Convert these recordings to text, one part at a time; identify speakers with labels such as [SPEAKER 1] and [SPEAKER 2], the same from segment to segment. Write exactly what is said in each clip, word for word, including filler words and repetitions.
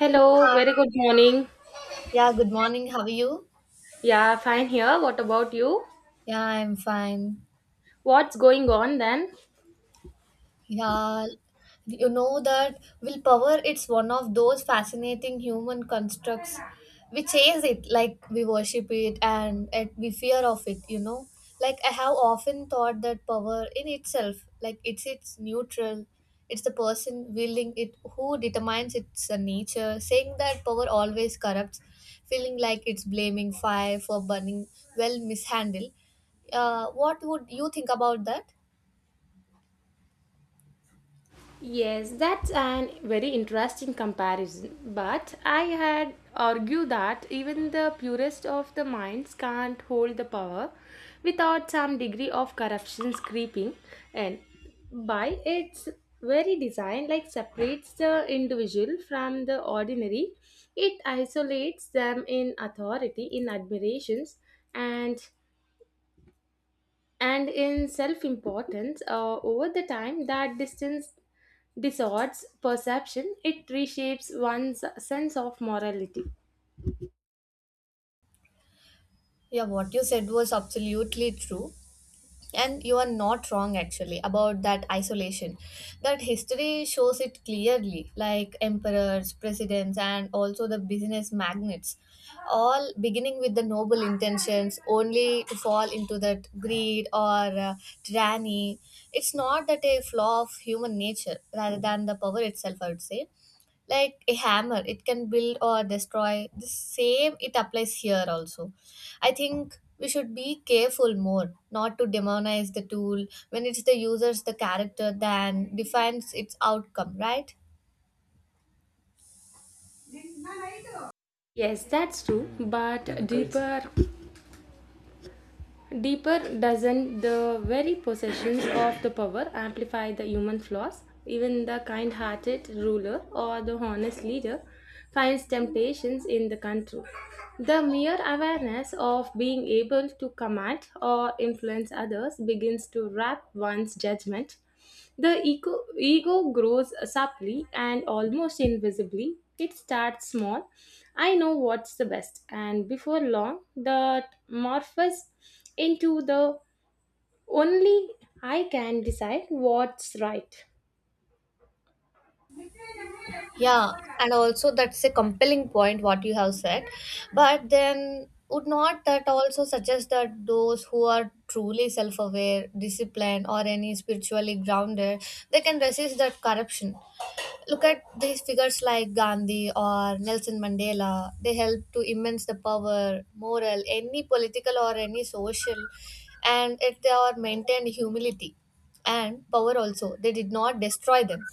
[SPEAKER 1] Hello, very good morning.
[SPEAKER 2] Yeah, good morning. How are you?
[SPEAKER 1] Yeah, fine here. What about you?
[SPEAKER 2] Yeah, I'm fine.
[SPEAKER 1] What's going on then?
[SPEAKER 2] Yeah, you know that willpower, it's one of those fascinating human constructs. We chase it like we worship it and it, we fear of it, you know. Like I have often thought that power in itself, like it's it's neutral. It's the person willing it who determines its uh, nature. Saying that power always corrupts, feeling like it's blaming fire for burning well mishandled. Uh, what would you think about that?
[SPEAKER 1] Yes, that's an very interesting comparison. But I had argued that even the purest of the minds can't hold the power without some degree of corruption creeping and by its very design, like separates the individual from the ordinary, it isolates them in authority, in admirations, and and in self importance uh, over the time that distance distorts perception, it reshapes one's sense of morality.
[SPEAKER 2] Yeah, what you said was absolutely true. And you are not wrong actually about that isolation. That history shows it clearly, like emperors, presidents, and also the business magnates, all beginning with the noble intentions, only to fall into that greed or uh, tyranny. It's not that a flaw of human nature rather than the power itself, I would say, like a hammer it can build or destroy, the same it applies here also. I think we should be careful more not to demonize the tool when it's the user's the character than defines its outcome, right?
[SPEAKER 1] Yes, that's true, but deeper. Deeper, doesn't the very possessions of the power amplify the human flaws? Even the kind hearted ruler or the honest leader finds temptations in the control. The mere awareness of being able to command or influence others begins to wrap one's judgment. The ego ego grows subtly and almost invisibly. It starts small. I know what's the best. And before long, that morphs into the only I can decide what's right.
[SPEAKER 2] Yeah, and also that's a compelling point what you have said. But then would not that also suggest that those who are truly self-aware, disciplined, or any spiritually grounded, they can resist that corruption? Look at these figures like Gandhi or Nelson Mandela. They helped to immense the power, moral, any political or any social, and if they are maintained humility and power also, they did not destroy them.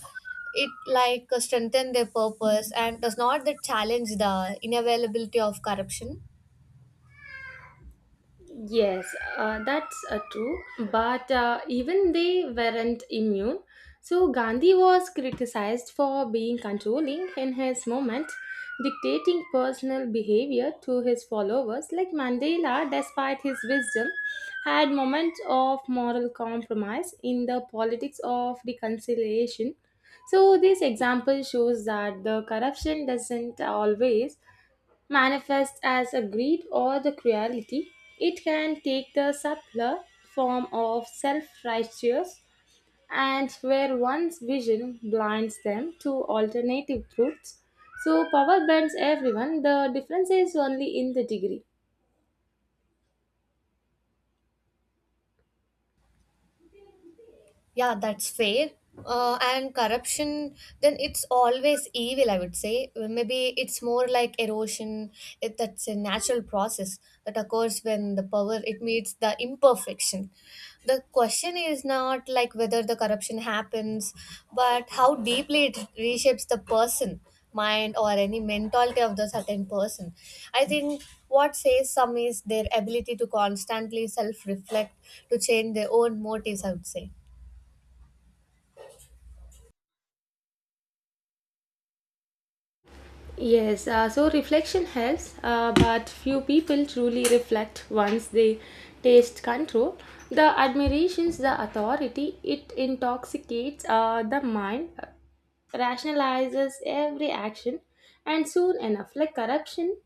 [SPEAKER 2] It like strengthen their purpose, and does not that challenge the inavailability of corruption?
[SPEAKER 1] Yes, uh, that's uh, true. But uh, even they weren't immune. So Gandhi was criticized for being controlling in his movement, dictating personal behavior to his followers. Like Mandela, despite his wisdom, had moments of moral compromise in the politics of reconciliation. So this example shows that the corruption doesn't always manifests as a greed or the cruelty. It can take the subtler form of self righteous and where one's vision blinds them to alternative truths. So power bends everyone, the difference is only in the degree.
[SPEAKER 2] Yeah, that's fair. Uh, and corruption, then it's always evil, I would say. Well, maybe it's more like erosion. It, that's a natural process that occurs when the power it meets the imperfection. The question is not like whether the corruption happens, but how deeply it reshapes the person, mind, or any mentality of the certain person. I think what says some is their ability to constantly self-reflect, to change their own motives, I would say.
[SPEAKER 1] Yes, uh, so reflection helps, uh, but few people truly reflect once they taste control. The admirations, the authority, it intoxicates uh, the mind, uh, rationalizes every action, and soon enough, like corruption,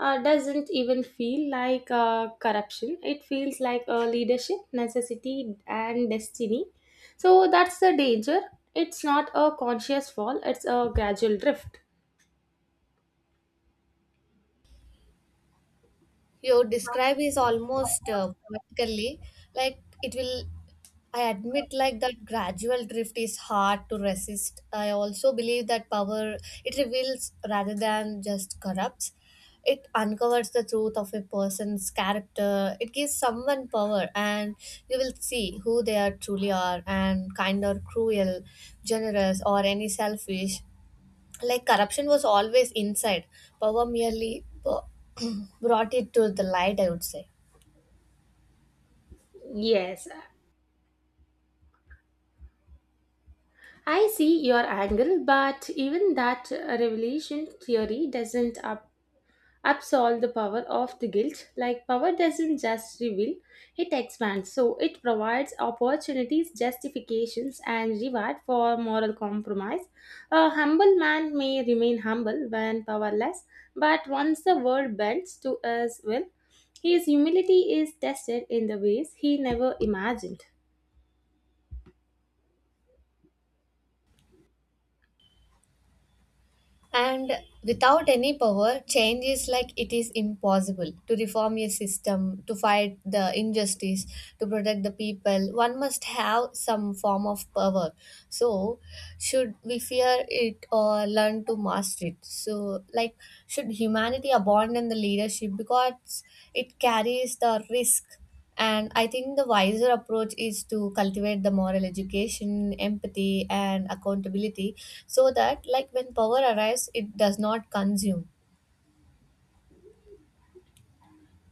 [SPEAKER 1] uh, doesn't even feel like uh, corruption. It feels like uh, leadership, necessity, and destiny. So that's the danger. It's not a conscious fall, it's a gradual drift.
[SPEAKER 2] You describe is almost uh, vertically, like it will. I admit like that gradual drift is hard to resist. I also believe that power, it reveals rather than just corrupts. It uncovers the truth of a person's character. It gives someone power and you will see who they are truly are, and kind or cruel, generous or any selfish. Like corruption was always inside, power merely b- brought it to the light, I would say.
[SPEAKER 1] Yes, I see your angle, but even that revelation theory doesn't up, absolve the power of the guilt. Like, power doesn't just reveal, it expands. So, it provides opportunities, justifications, and reward for moral compromise. A humble man may remain humble when powerless, but once the world bends to his will, his humility is tested in the ways he never imagined.
[SPEAKER 2] And without any power, change is like it is impossible to reform a system, to fight the injustice, to protect the people. One must have some form of power. So, should we fear it or learn to master it? So, like, should humanity abandon the leadership because it carries the risk? And I think the wiser approach is to cultivate the moral education, empathy, and accountability so that, like, when power arrives, it does not consume.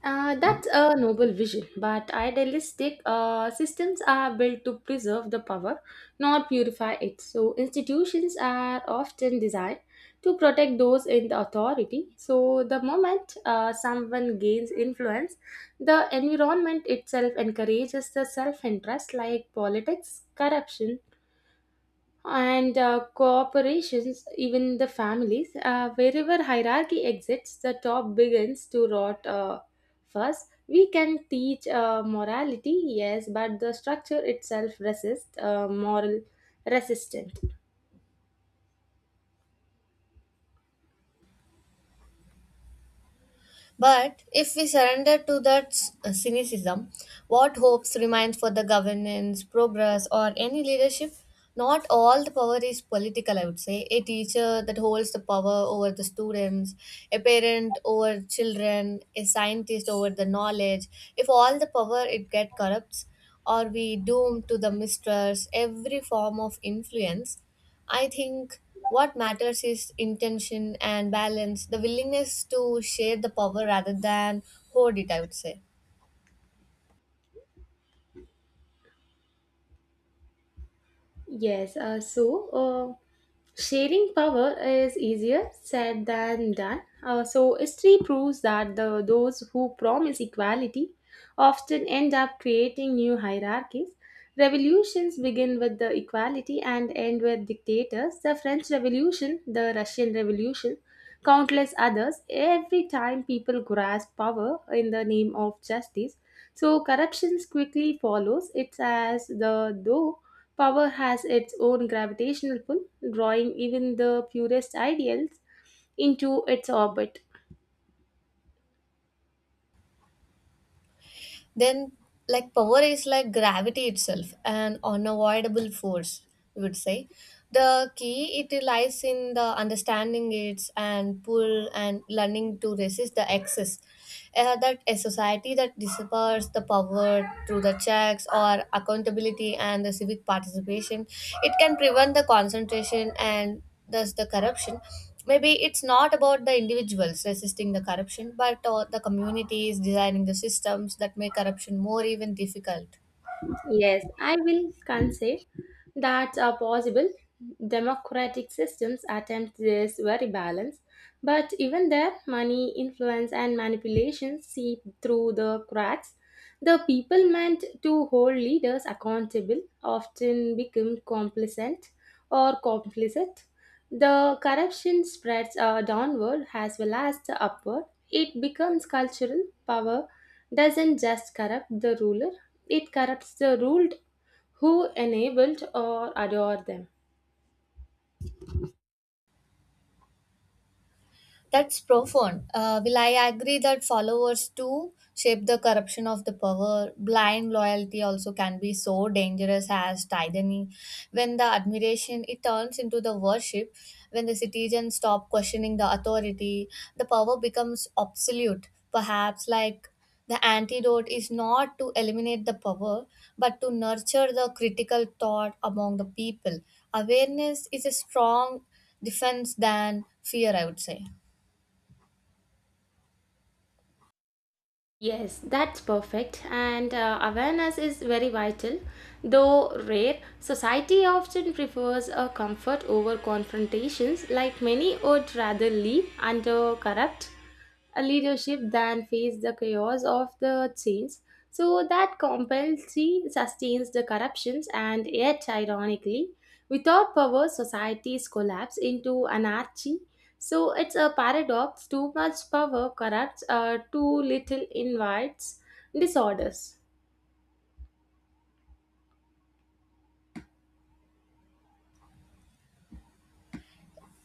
[SPEAKER 1] Uh, that's a noble vision, but idealistic uh, systems are built to preserve the power, not purify it. So, institutions are often designed to protect those in the authority. So, the moment uh, someone gains influence, the environment itself encourages the self interest, like politics, corruption, and uh, cooperations, even the families. Uh, wherever hierarchy exists, the top begins to rot uh, first. We can teach uh, morality, yes, but the structure itself resists uh, moral resistance.
[SPEAKER 2] But if we surrender to that s- uh, cynicism, what hopes remains for the governance, progress, or any leadership? Not all the power is political, I would say. A teacher that holds the power over the students, a parent over children, a scientist over the knowledge. If all the power it get corrupts, or we doomed to the mistrust, every form of influence. I think what matters is intention and balance, the willingness to share the power rather than hoard it, I would say.
[SPEAKER 1] Yes, uh, so uh, sharing power is easier said than done. Uh, so history proves that the those who promise equality often end up creating new hierarchies. Revolutions begin with the equality and end with dictators. The French Revolution, the Russian Revolution, countless others. Every time people grasp power in the name of justice, so corruptions quickly follows. It's as the though power has its own gravitational pull, drawing even the purest ideals into its orbit.
[SPEAKER 2] Then like power is like gravity itself, an unavoidable force, we would say. The key it lies in the understanding its and pull and learning to resist the excess. Uh, that a society that disappears the power through the checks or accountability and the civic participation, it can prevent the concentration and thus the corruption. Maybe it's not about the individuals resisting the corruption but uh, the communities designing the systems that make corruption more even difficult.
[SPEAKER 1] Yes, I will concede that are possible. Democratic systems attempt this very balance, but even there, money, influence, and manipulation seep through the cracks. The people meant to hold leaders accountable often become complacent or complicit. The corruption spreads uh, downward as well as the upward. It becomes cultural. Power doesn't just corrupt the ruler, it corrupts the ruled who enabled or adore them.
[SPEAKER 2] That's profound. Uh, will I agree that followers too shape the corruption of the power? Blind loyalty also can be so dangerous as tyranny. When the admiration it turns into the worship, when the citizens stop questioning the authority, the power becomes obsolete. Perhaps like the antidote is not to eliminate the power, but to nurture the critical thought among the people. Awareness is a strong defense than fear, I would say.
[SPEAKER 1] Yes, that's perfect. And uh, awareness is very vital. Though rare, society often prefers a comfort over confrontations, like many would rather live under corrupt a leadership than face the chaos of the change. So that compulsory sustains the corruptions and yet ironically, without power societies collapse into anarchy. So it's a paradox, too much power corrupts, uh, too little invites disorders.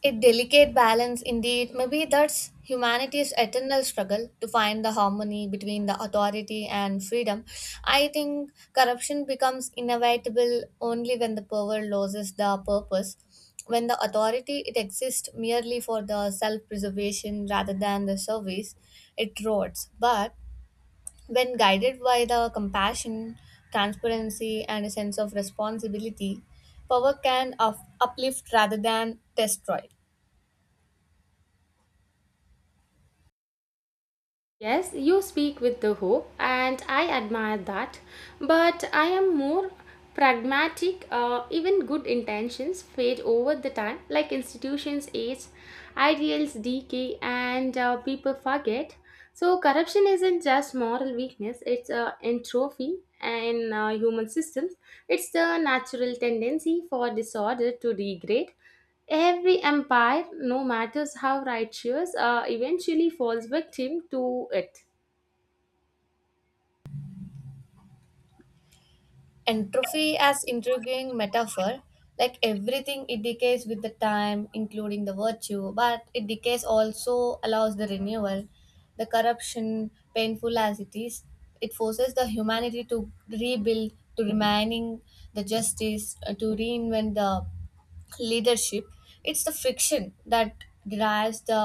[SPEAKER 2] A delicate balance indeed. Maybe that's humanity's eternal struggle to find the harmony between the authority and freedom. I think corruption becomes inevitable only when the power loses the purpose. When the authority it exists merely for the self-preservation rather than the service, it rots. But when guided by the compassion, transparency, and a sense of responsibility, power can up- uplift rather than destroy.
[SPEAKER 1] Yes, you speak with the hope, and I admire that. But I am more pragmatic. Uh, even good intentions fade over the time, like institutions age, ideals decay, and uh, people forget. So corruption isn't just moral weakness; it's a entropy in uh, human systems. It's the natural tendency for disorder to degrade. Every empire, no matters how righteous, uh, eventually falls victim to it.
[SPEAKER 2] Entropy as intriguing metaphor, like everything it decays with the time including the virtue, but it decays also allows the renewal. The corruption, painful as it is, it forces the humanity to rebuild, to remaining the justice, uh, to reinvent the leadership. It's the friction that drives the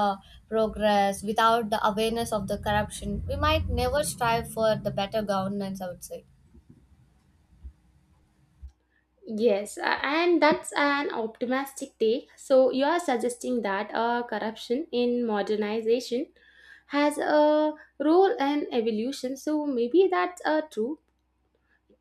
[SPEAKER 2] progress. Without the awareness of the corruption we might never strive for the better governance, I would say.
[SPEAKER 1] Yes, a- and that's an optimistic take. So you are suggesting that uh, corruption in modernization has a role in evolution. So maybe that's uh, true.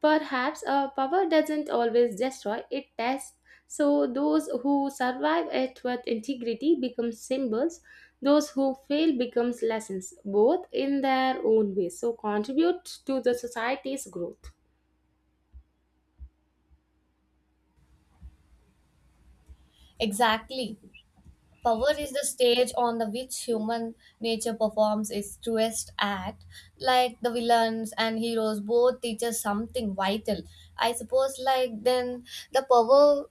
[SPEAKER 1] Perhaps uh, power doesn't always destroy, it tests. So those who survive it with integrity become symbols, those who fail becomes lessons, both in their own ways. So contribute to the society's growth.
[SPEAKER 2] Exactly. Power is the stage on the which human nature performs its truest act. Like the villains and heroes both teach us something vital. I suppose, like, then the power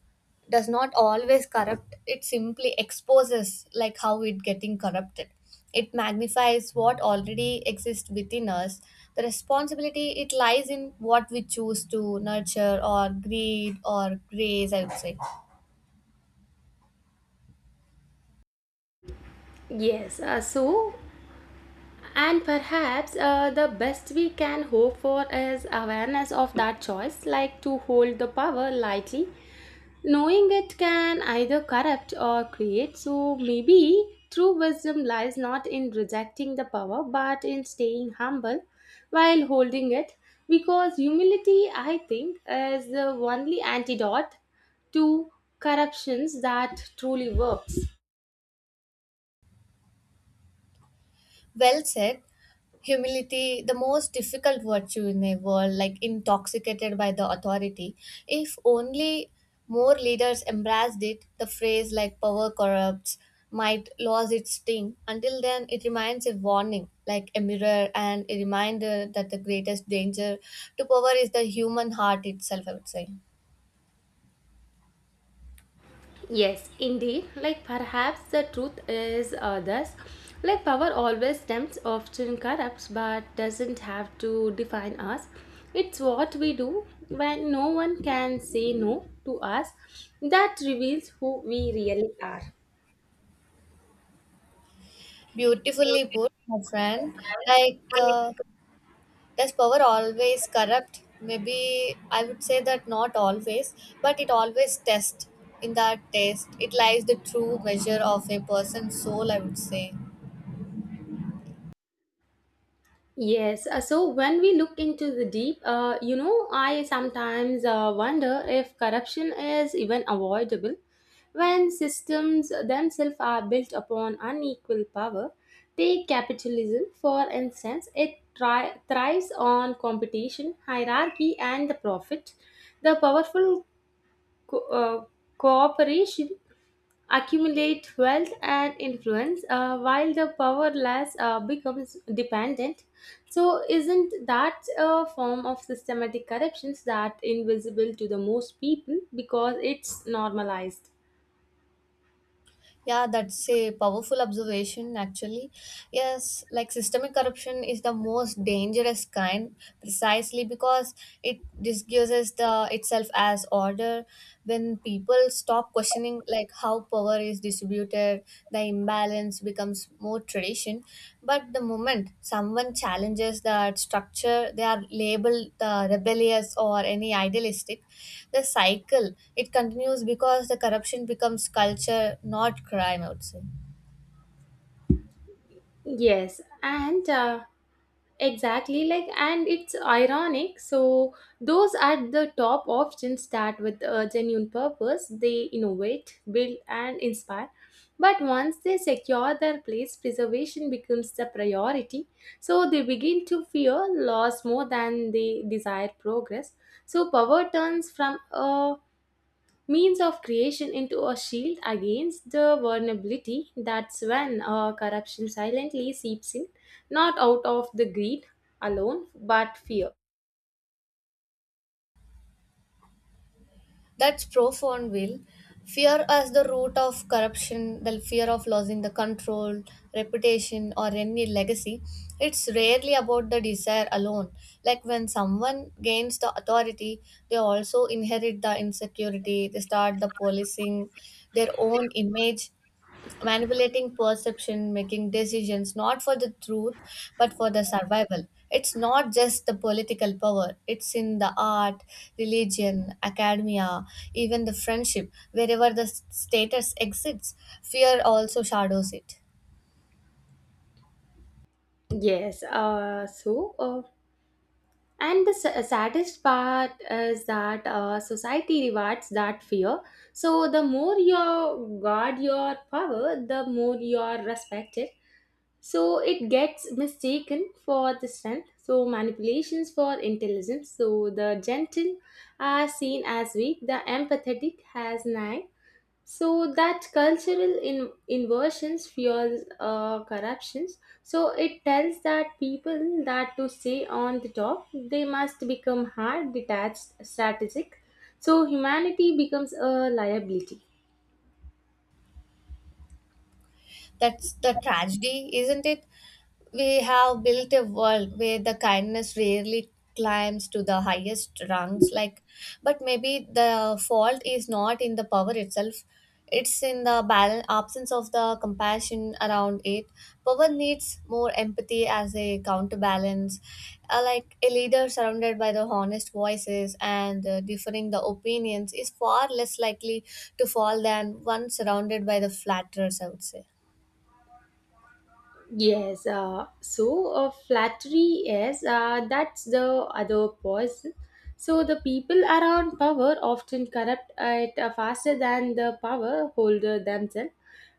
[SPEAKER 2] does not always corrupt, it simply exposes, like, how it getting corrupted. It magnifies what already exists within us. The responsibility it lies in what we choose to nurture, or greed or grace, I would say.
[SPEAKER 1] Yes, uh, so and perhaps uh, the best we can hope for is awareness of that choice, like to hold the power lightly, knowing it can either corrupt or create, so maybe true wisdom lies not in rejecting the power but in staying humble while holding it, because humility, I think, is the only antidote to corruptions that truly works.
[SPEAKER 2] Well said. Humility, the most difficult virtue in a world like intoxicated by the authority. If only more leaders embraced it, the phrase like power corrupts might lose its sting. Until then, it remains a warning, like a mirror and a reminder that the greatest danger to power is the human heart itself, I would say.
[SPEAKER 1] Yes, indeed. Like perhaps the truth is uh, thus. Like power always tempts, often corrupts, but doesn't have to define us. It's what we do when no one can say no to us that reveals who we really are.
[SPEAKER 2] Beautifully put, my friend. Like, uh, does power always corrupt? Maybe I would say that not always, but it always tests. In that test, it lies the true measure of a person's soul, I would say.
[SPEAKER 1] Yes, uh, so when we look into the deep, uh, you know, I sometimes uh, wonder if corruption is even avoidable when systems themselves are built upon unequal power. Take capitalism, for instance, it tri- thrives on competition, hierarchy, and the profit. The powerful co- uh, cooperation accumulate wealth and influence uh, while the powerless uh, becomes dependent. So isn't that a form of systematic corruptions that invisible to the most people because it's normalized?
[SPEAKER 2] Yeah, that's a powerful observation, actually. Yes, like systemic corruption is the most dangerous kind precisely because it disguises the itself as order. When people stop questioning like how power is distributed, where the imbalance becomes more tradition. But the moment someone challenges that structure, they are labeled the rebellious or any idealistic. The cycle it continues because the corruption becomes culture, not crime, I would say.
[SPEAKER 1] Yes, and uh, exactly, like, and it's ironic. So, those at the top often start with a genuine purpose. They innovate, build, and inspire. But once they secure their place, preservation becomes the priority. So, they begin to fear loss more than they desire progress. So, power turns from a means of creation into a shield against the vulnerability. That's when uh, corruption silently seeps in, not out of the greed alone, but fear.
[SPEAKER 2] That's profound, Will. Fear as the root of corruption, the fear of losing the control, reputation, or any legacy. It's rarely about the desire alone. Like when someone gains the authority, they also inherit the insecurity, they start the policing their own image, manipulating perception, making decisions not for the truth but for the survival. It's not just the political power, it's in the art, religion, academia, even the friendship, wherever the s- status exists, fear also shadows it.
[SPEAKER 1] Yes, uh, so, uh, and the sa- saddest part is that uh, society rewards that fear. So, the more you guard your power, the more you are respected. So it gets mistaken for the strength, so manipulations for intelligence, so the gentle are seen as weak, the empathetic as naive. So that cultural in- inversions fuels uh, corruptions. So it tells that people that to stay on the top they must become hard, detached, strategic. So humanity becomes a liability.
[SPEAKER 2] That's the tragedy, isn't it? We have built a world where the kindness rarely climbs to the highest rungs, like, but maybe the fault is not in the power itself, it's in the balance absence of the compassion around it. Power needs more empathy as a counterbalance. Uh, like a leader surrounded by the honest voices and uh, differing the opinions is far less likely to fall than one surrounded by the flatterers, I would say.
[SPEAKER 1] Yes, uh, so uh, flattery is uh, that's the other poison. So the people around power often corrupt it uh, faster than the power holder themselves.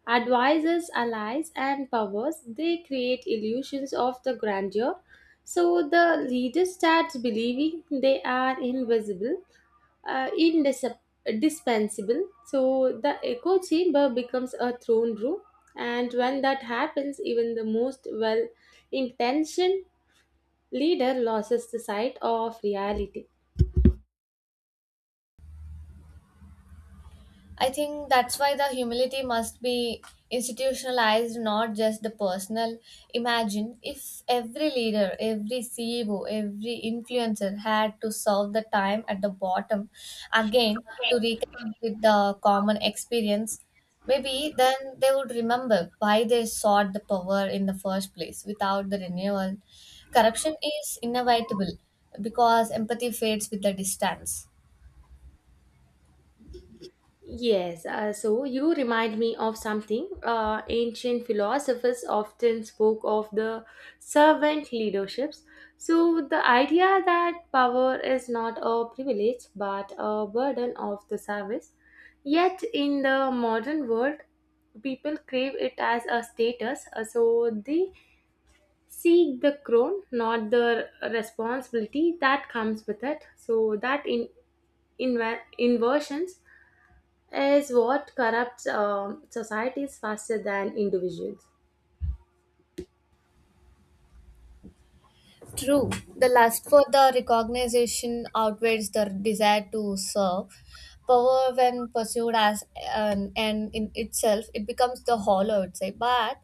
[SPEAKER 1] Advisors, allies, and powers they create illusions of the grandeur. So the leader starts believing they are invisible uh, indis- dispensable. So the echo chamber becomes a throne room, and when that happens, even the most well intentioned leader loses the sight of reality.
[SPEAKER 2] I think that's why the humility must be institutionalized, not just the personal. Imagine if every leader, every C E O, every influencer had to solve the time at the bottom again, to reconnect with the common experience. Maybe then they would remember why they sought the power in the first place. Without the renewal, corruption is inevitable because empathy fades with the distance.
[SPEAKER 1] Yes, uh, so you remind me of something. Uh, ancient philosophers often spoke of the servant leaderships. So, the idea that power is not a privilege but a burden of the service. Yet, in the modern world, people crave it as a status. Uh, So, they seek the crown, not the responsibility that comes with it. So, that in, in inversions is what corrupts um, societies faster than individuals.
[SPEAKER 2] True, the lust for the recognition outweighs the desire to serve. Power, when pursued as an end in itself, it becomes the hollow, I would say. But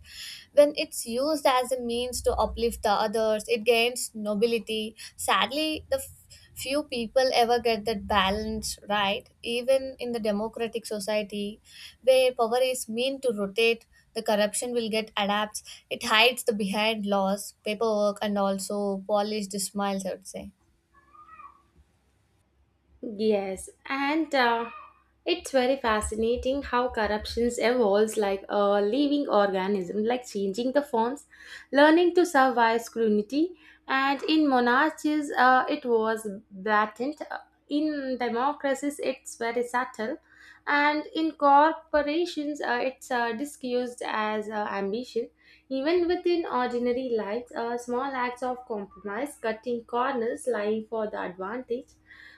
[SPEAKER 2] when it's used as a means to uplift the others, it gains nobility. Sadly, the f- few people ever get that balance right, even in the democratic society where power is meant to rotate. The corruption will get adapts, it hides the behind laws, paperwork, and also polished smiles, I would say.
[SPEAKER 1] Yes, and uh, it's very fascinating how corruptions evolves like a living organism, like changing the forms, learning to survive scrutiny. And in monarchies, uh, it was blatant. In democracies, it's very subtle. And in corporations, uh, it's uh, disguised as uh, ambition. Even within ordinary lives, uh, small acts of compromise, cutting corners, lying for the advantage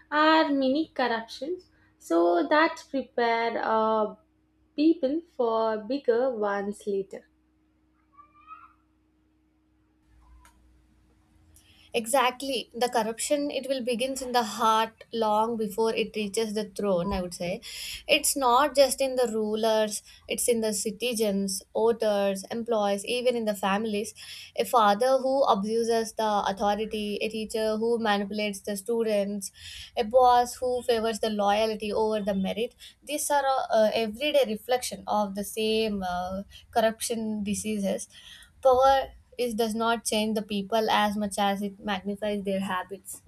[SPEAKER 1] are mini corruptions, so that prepare uh, people for bigger ones later.
[SPEAKER 2] Exactly. The corruption, it will begins in the heart long before it reaches the throne, I would say. It's not just in the rulers, it's in the citizens, voters, employees, even in the families. A father who abuses the authority, a teacher who manipulates the students, a boss who favors the loyalty over the merit. These are uh, everyday reflection of the same uh, corruption diseases. Power is, does not change the people as much as it magnifies their habits.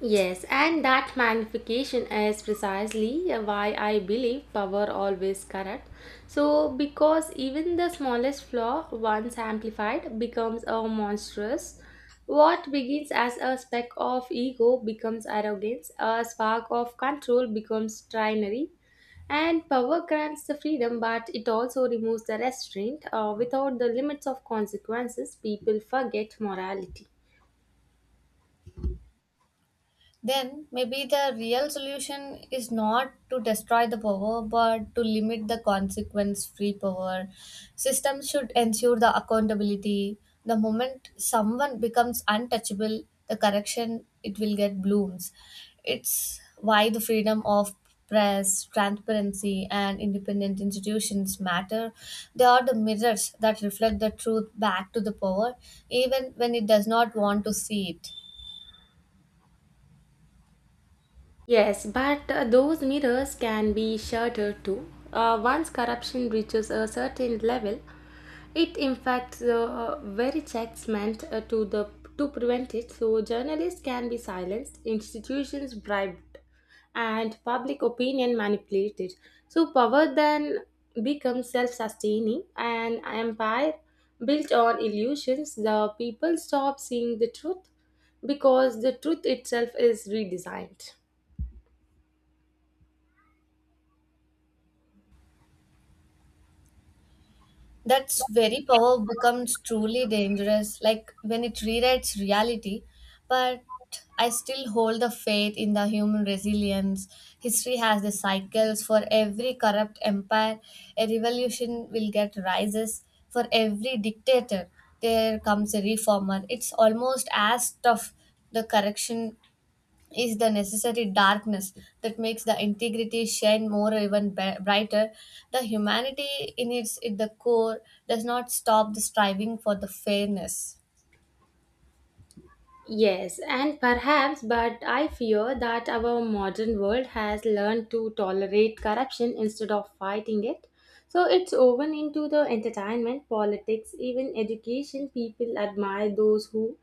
[SPEAKER 1] Yes, and that magnification is precisely why I believe power always corrupt. So, because even the smallest flaw, once amplified, becomes a monstrous. What begins as a speck of ego becomes arrogance, a spark of control becomes trinary, and power grants the freedom, but it also removes the restraint. Uh, without the limits of consequences, people forget morality.
[SPEAKER 2] Then maybe the real solution is not to destroy the power but to limit the consequence free power. Systems should ensure the accountability. The moment someone becomes untouchable, the correction it will get blooms. It's why the freedom of press, transparency, and independent institutions matter. They are the mirrors that reflect the truth back to the power, even when it does not want to see it.
[SPEAKER 1] Yes, but uh, those mirrors can be shattered too. Uh, once corruption reaches a certain level, it impacts the uh, very checks meant uh, to the to prevent it. So journalists can be silenced, institutions bribed, and public opinion manipulated. So power then becomes self-sustaining, an empire built on illusions. The people stop seeing the truth because the truth itself is redesigned.
[SPEAKER 2] That's very power becomes truly dangerous, like when it rewrites reality. But I still hold the faith in the human resilience. History has the cycles. For every corrupt empire, a revolution will get rises. For every dictator, there comes a reformer. It's almost as tough the correction is the necessary darkness that makes the integrity shine more even b- brighter. The humanity in its in the core does not stop the striving for the fairness.
[SPEAKER 1] Yes, and perhaps, but I fear that our modern world has learned to tolerate corruption instead of fighting it. So it's woven into the entertainment, politics, even education. People admire those who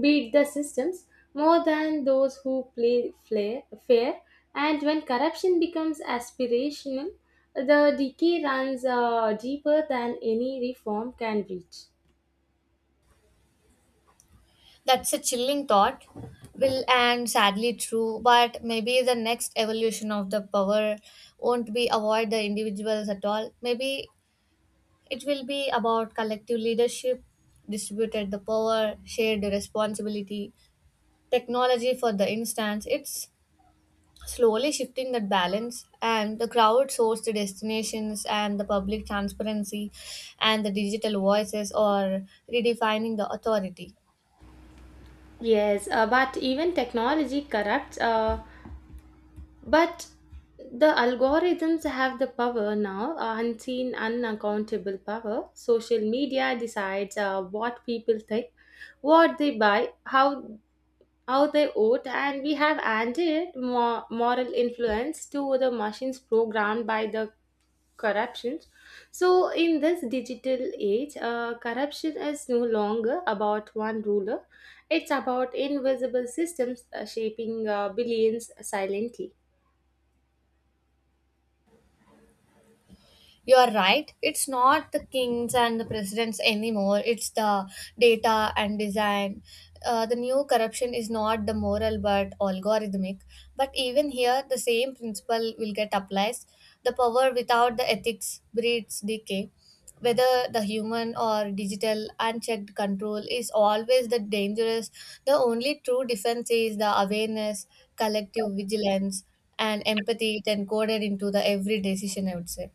[SPEAKER 1] beat the systems more than those who play flair, fair. And when corruption becomes aspirational, the decay runs uh, deeper than any reform can reach.
[SPEAKER 2] That's a chilling thought, Will, and sadly true. But maybe the next evolution of the power won't be avoid the individuals at all. Maybe it will be about collective leadership, distributed the power, shared responsibility. Technology for the instance, it's slowly shifting that balance, and the crowd source the destinations and the public transparency and the digital voices are redefining the authority.
[SPEAKER 1] Yes, uh, but even technology corrupts. Uh, But the algorithms have the power now, uh, unseen, unaccountable power. Social media decides uh, what people think, what they buy, how how they vote, and we have added more moral influence to the machines programmed by the corruptions. So, in this digital age, uh, corruption is no longer about one ruler; it's about invisible systems uh, shaping uh, billions silently.
[SPEAKER 2] You are right. It's not the kings and the presidents anymore. It's the data and design. Uh, the new corruption is not the moral but algorithmic. But even here, the same principle will get applied. The power without the ethics breeds decay. Whether the human or digital, unchecked control is always the dangerous. The only true defense is the awareness, collective vigilance, and empathy it encoded into the every decision, I would say.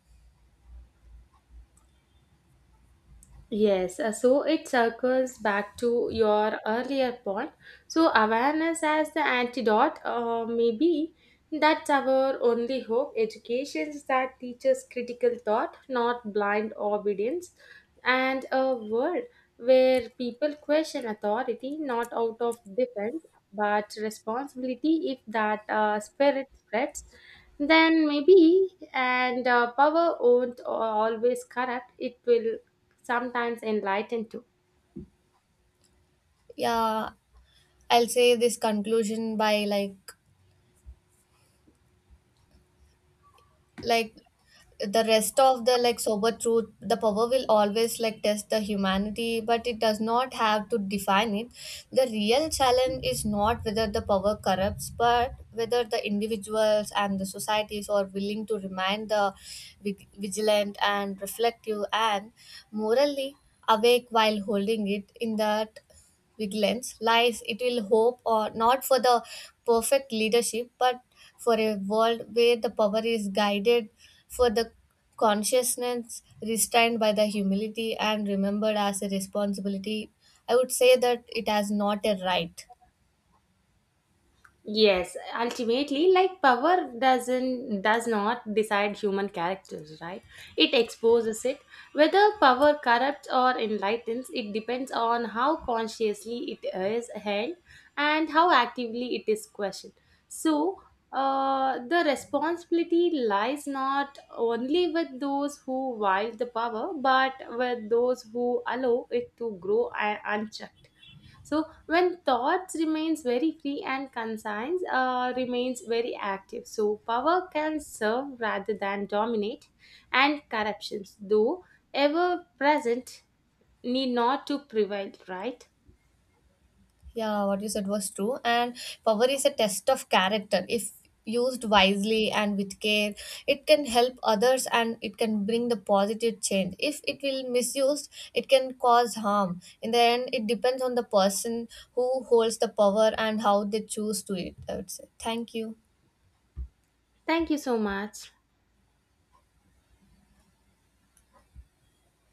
[SPEAKER 1] Yes, uh, so it circles back to your earlier point. So, awareness as the antidote, uh, maybe that's our only hope. Education that teaches critical thought, not blind obedience, and a world where people question authority not out of defense but responsibility. If that uh, spirit spreads, then maybe and uh, power won't always corrupt, it will sometimes enlightened too.
[SPEAKER 2] Yeah, I'll say this conclusion by like like the rest of the like sober truth, the power will always like test the humanity, but it does not have to define it. The real challenge is not whether the power corrupts but whether the individuals and the societies are willing to remain the vig- vigilant and reflective and morally awake while holding it. In that vigilance lies it will hope or not for the perfect leadership, but for a world where the power is guided for the consciousness, restrained by the humility and remembered as a responsibility, I would say that it has not a right.
[SPEAKER 1] Yes, ultimately, like power doesn't does not decide human characters, right? It exposes it. Whether power corrupts or enlightens, it depends on how consciously it is held and how actively it is questioned. So, uh, the responsibility lies not only with those who wield the power but with those who allow it to grow uh, unchecked. So when thoughts remains very free and conscience uh, remains very active. So power can serve rather than dominate, and corruptions, though ever present, need not to prevail. Right?
[SPEAKER 2] Yeah, what you said was true. And power is a test of character. If used wisely and with care, it can help others and it can bring the positive change. If it will misused, it can cause harm. In the end, it depends on the person who holds the power and how they choose to it, I would say. Thank you.
[SPEAKER 1] Thank you so much.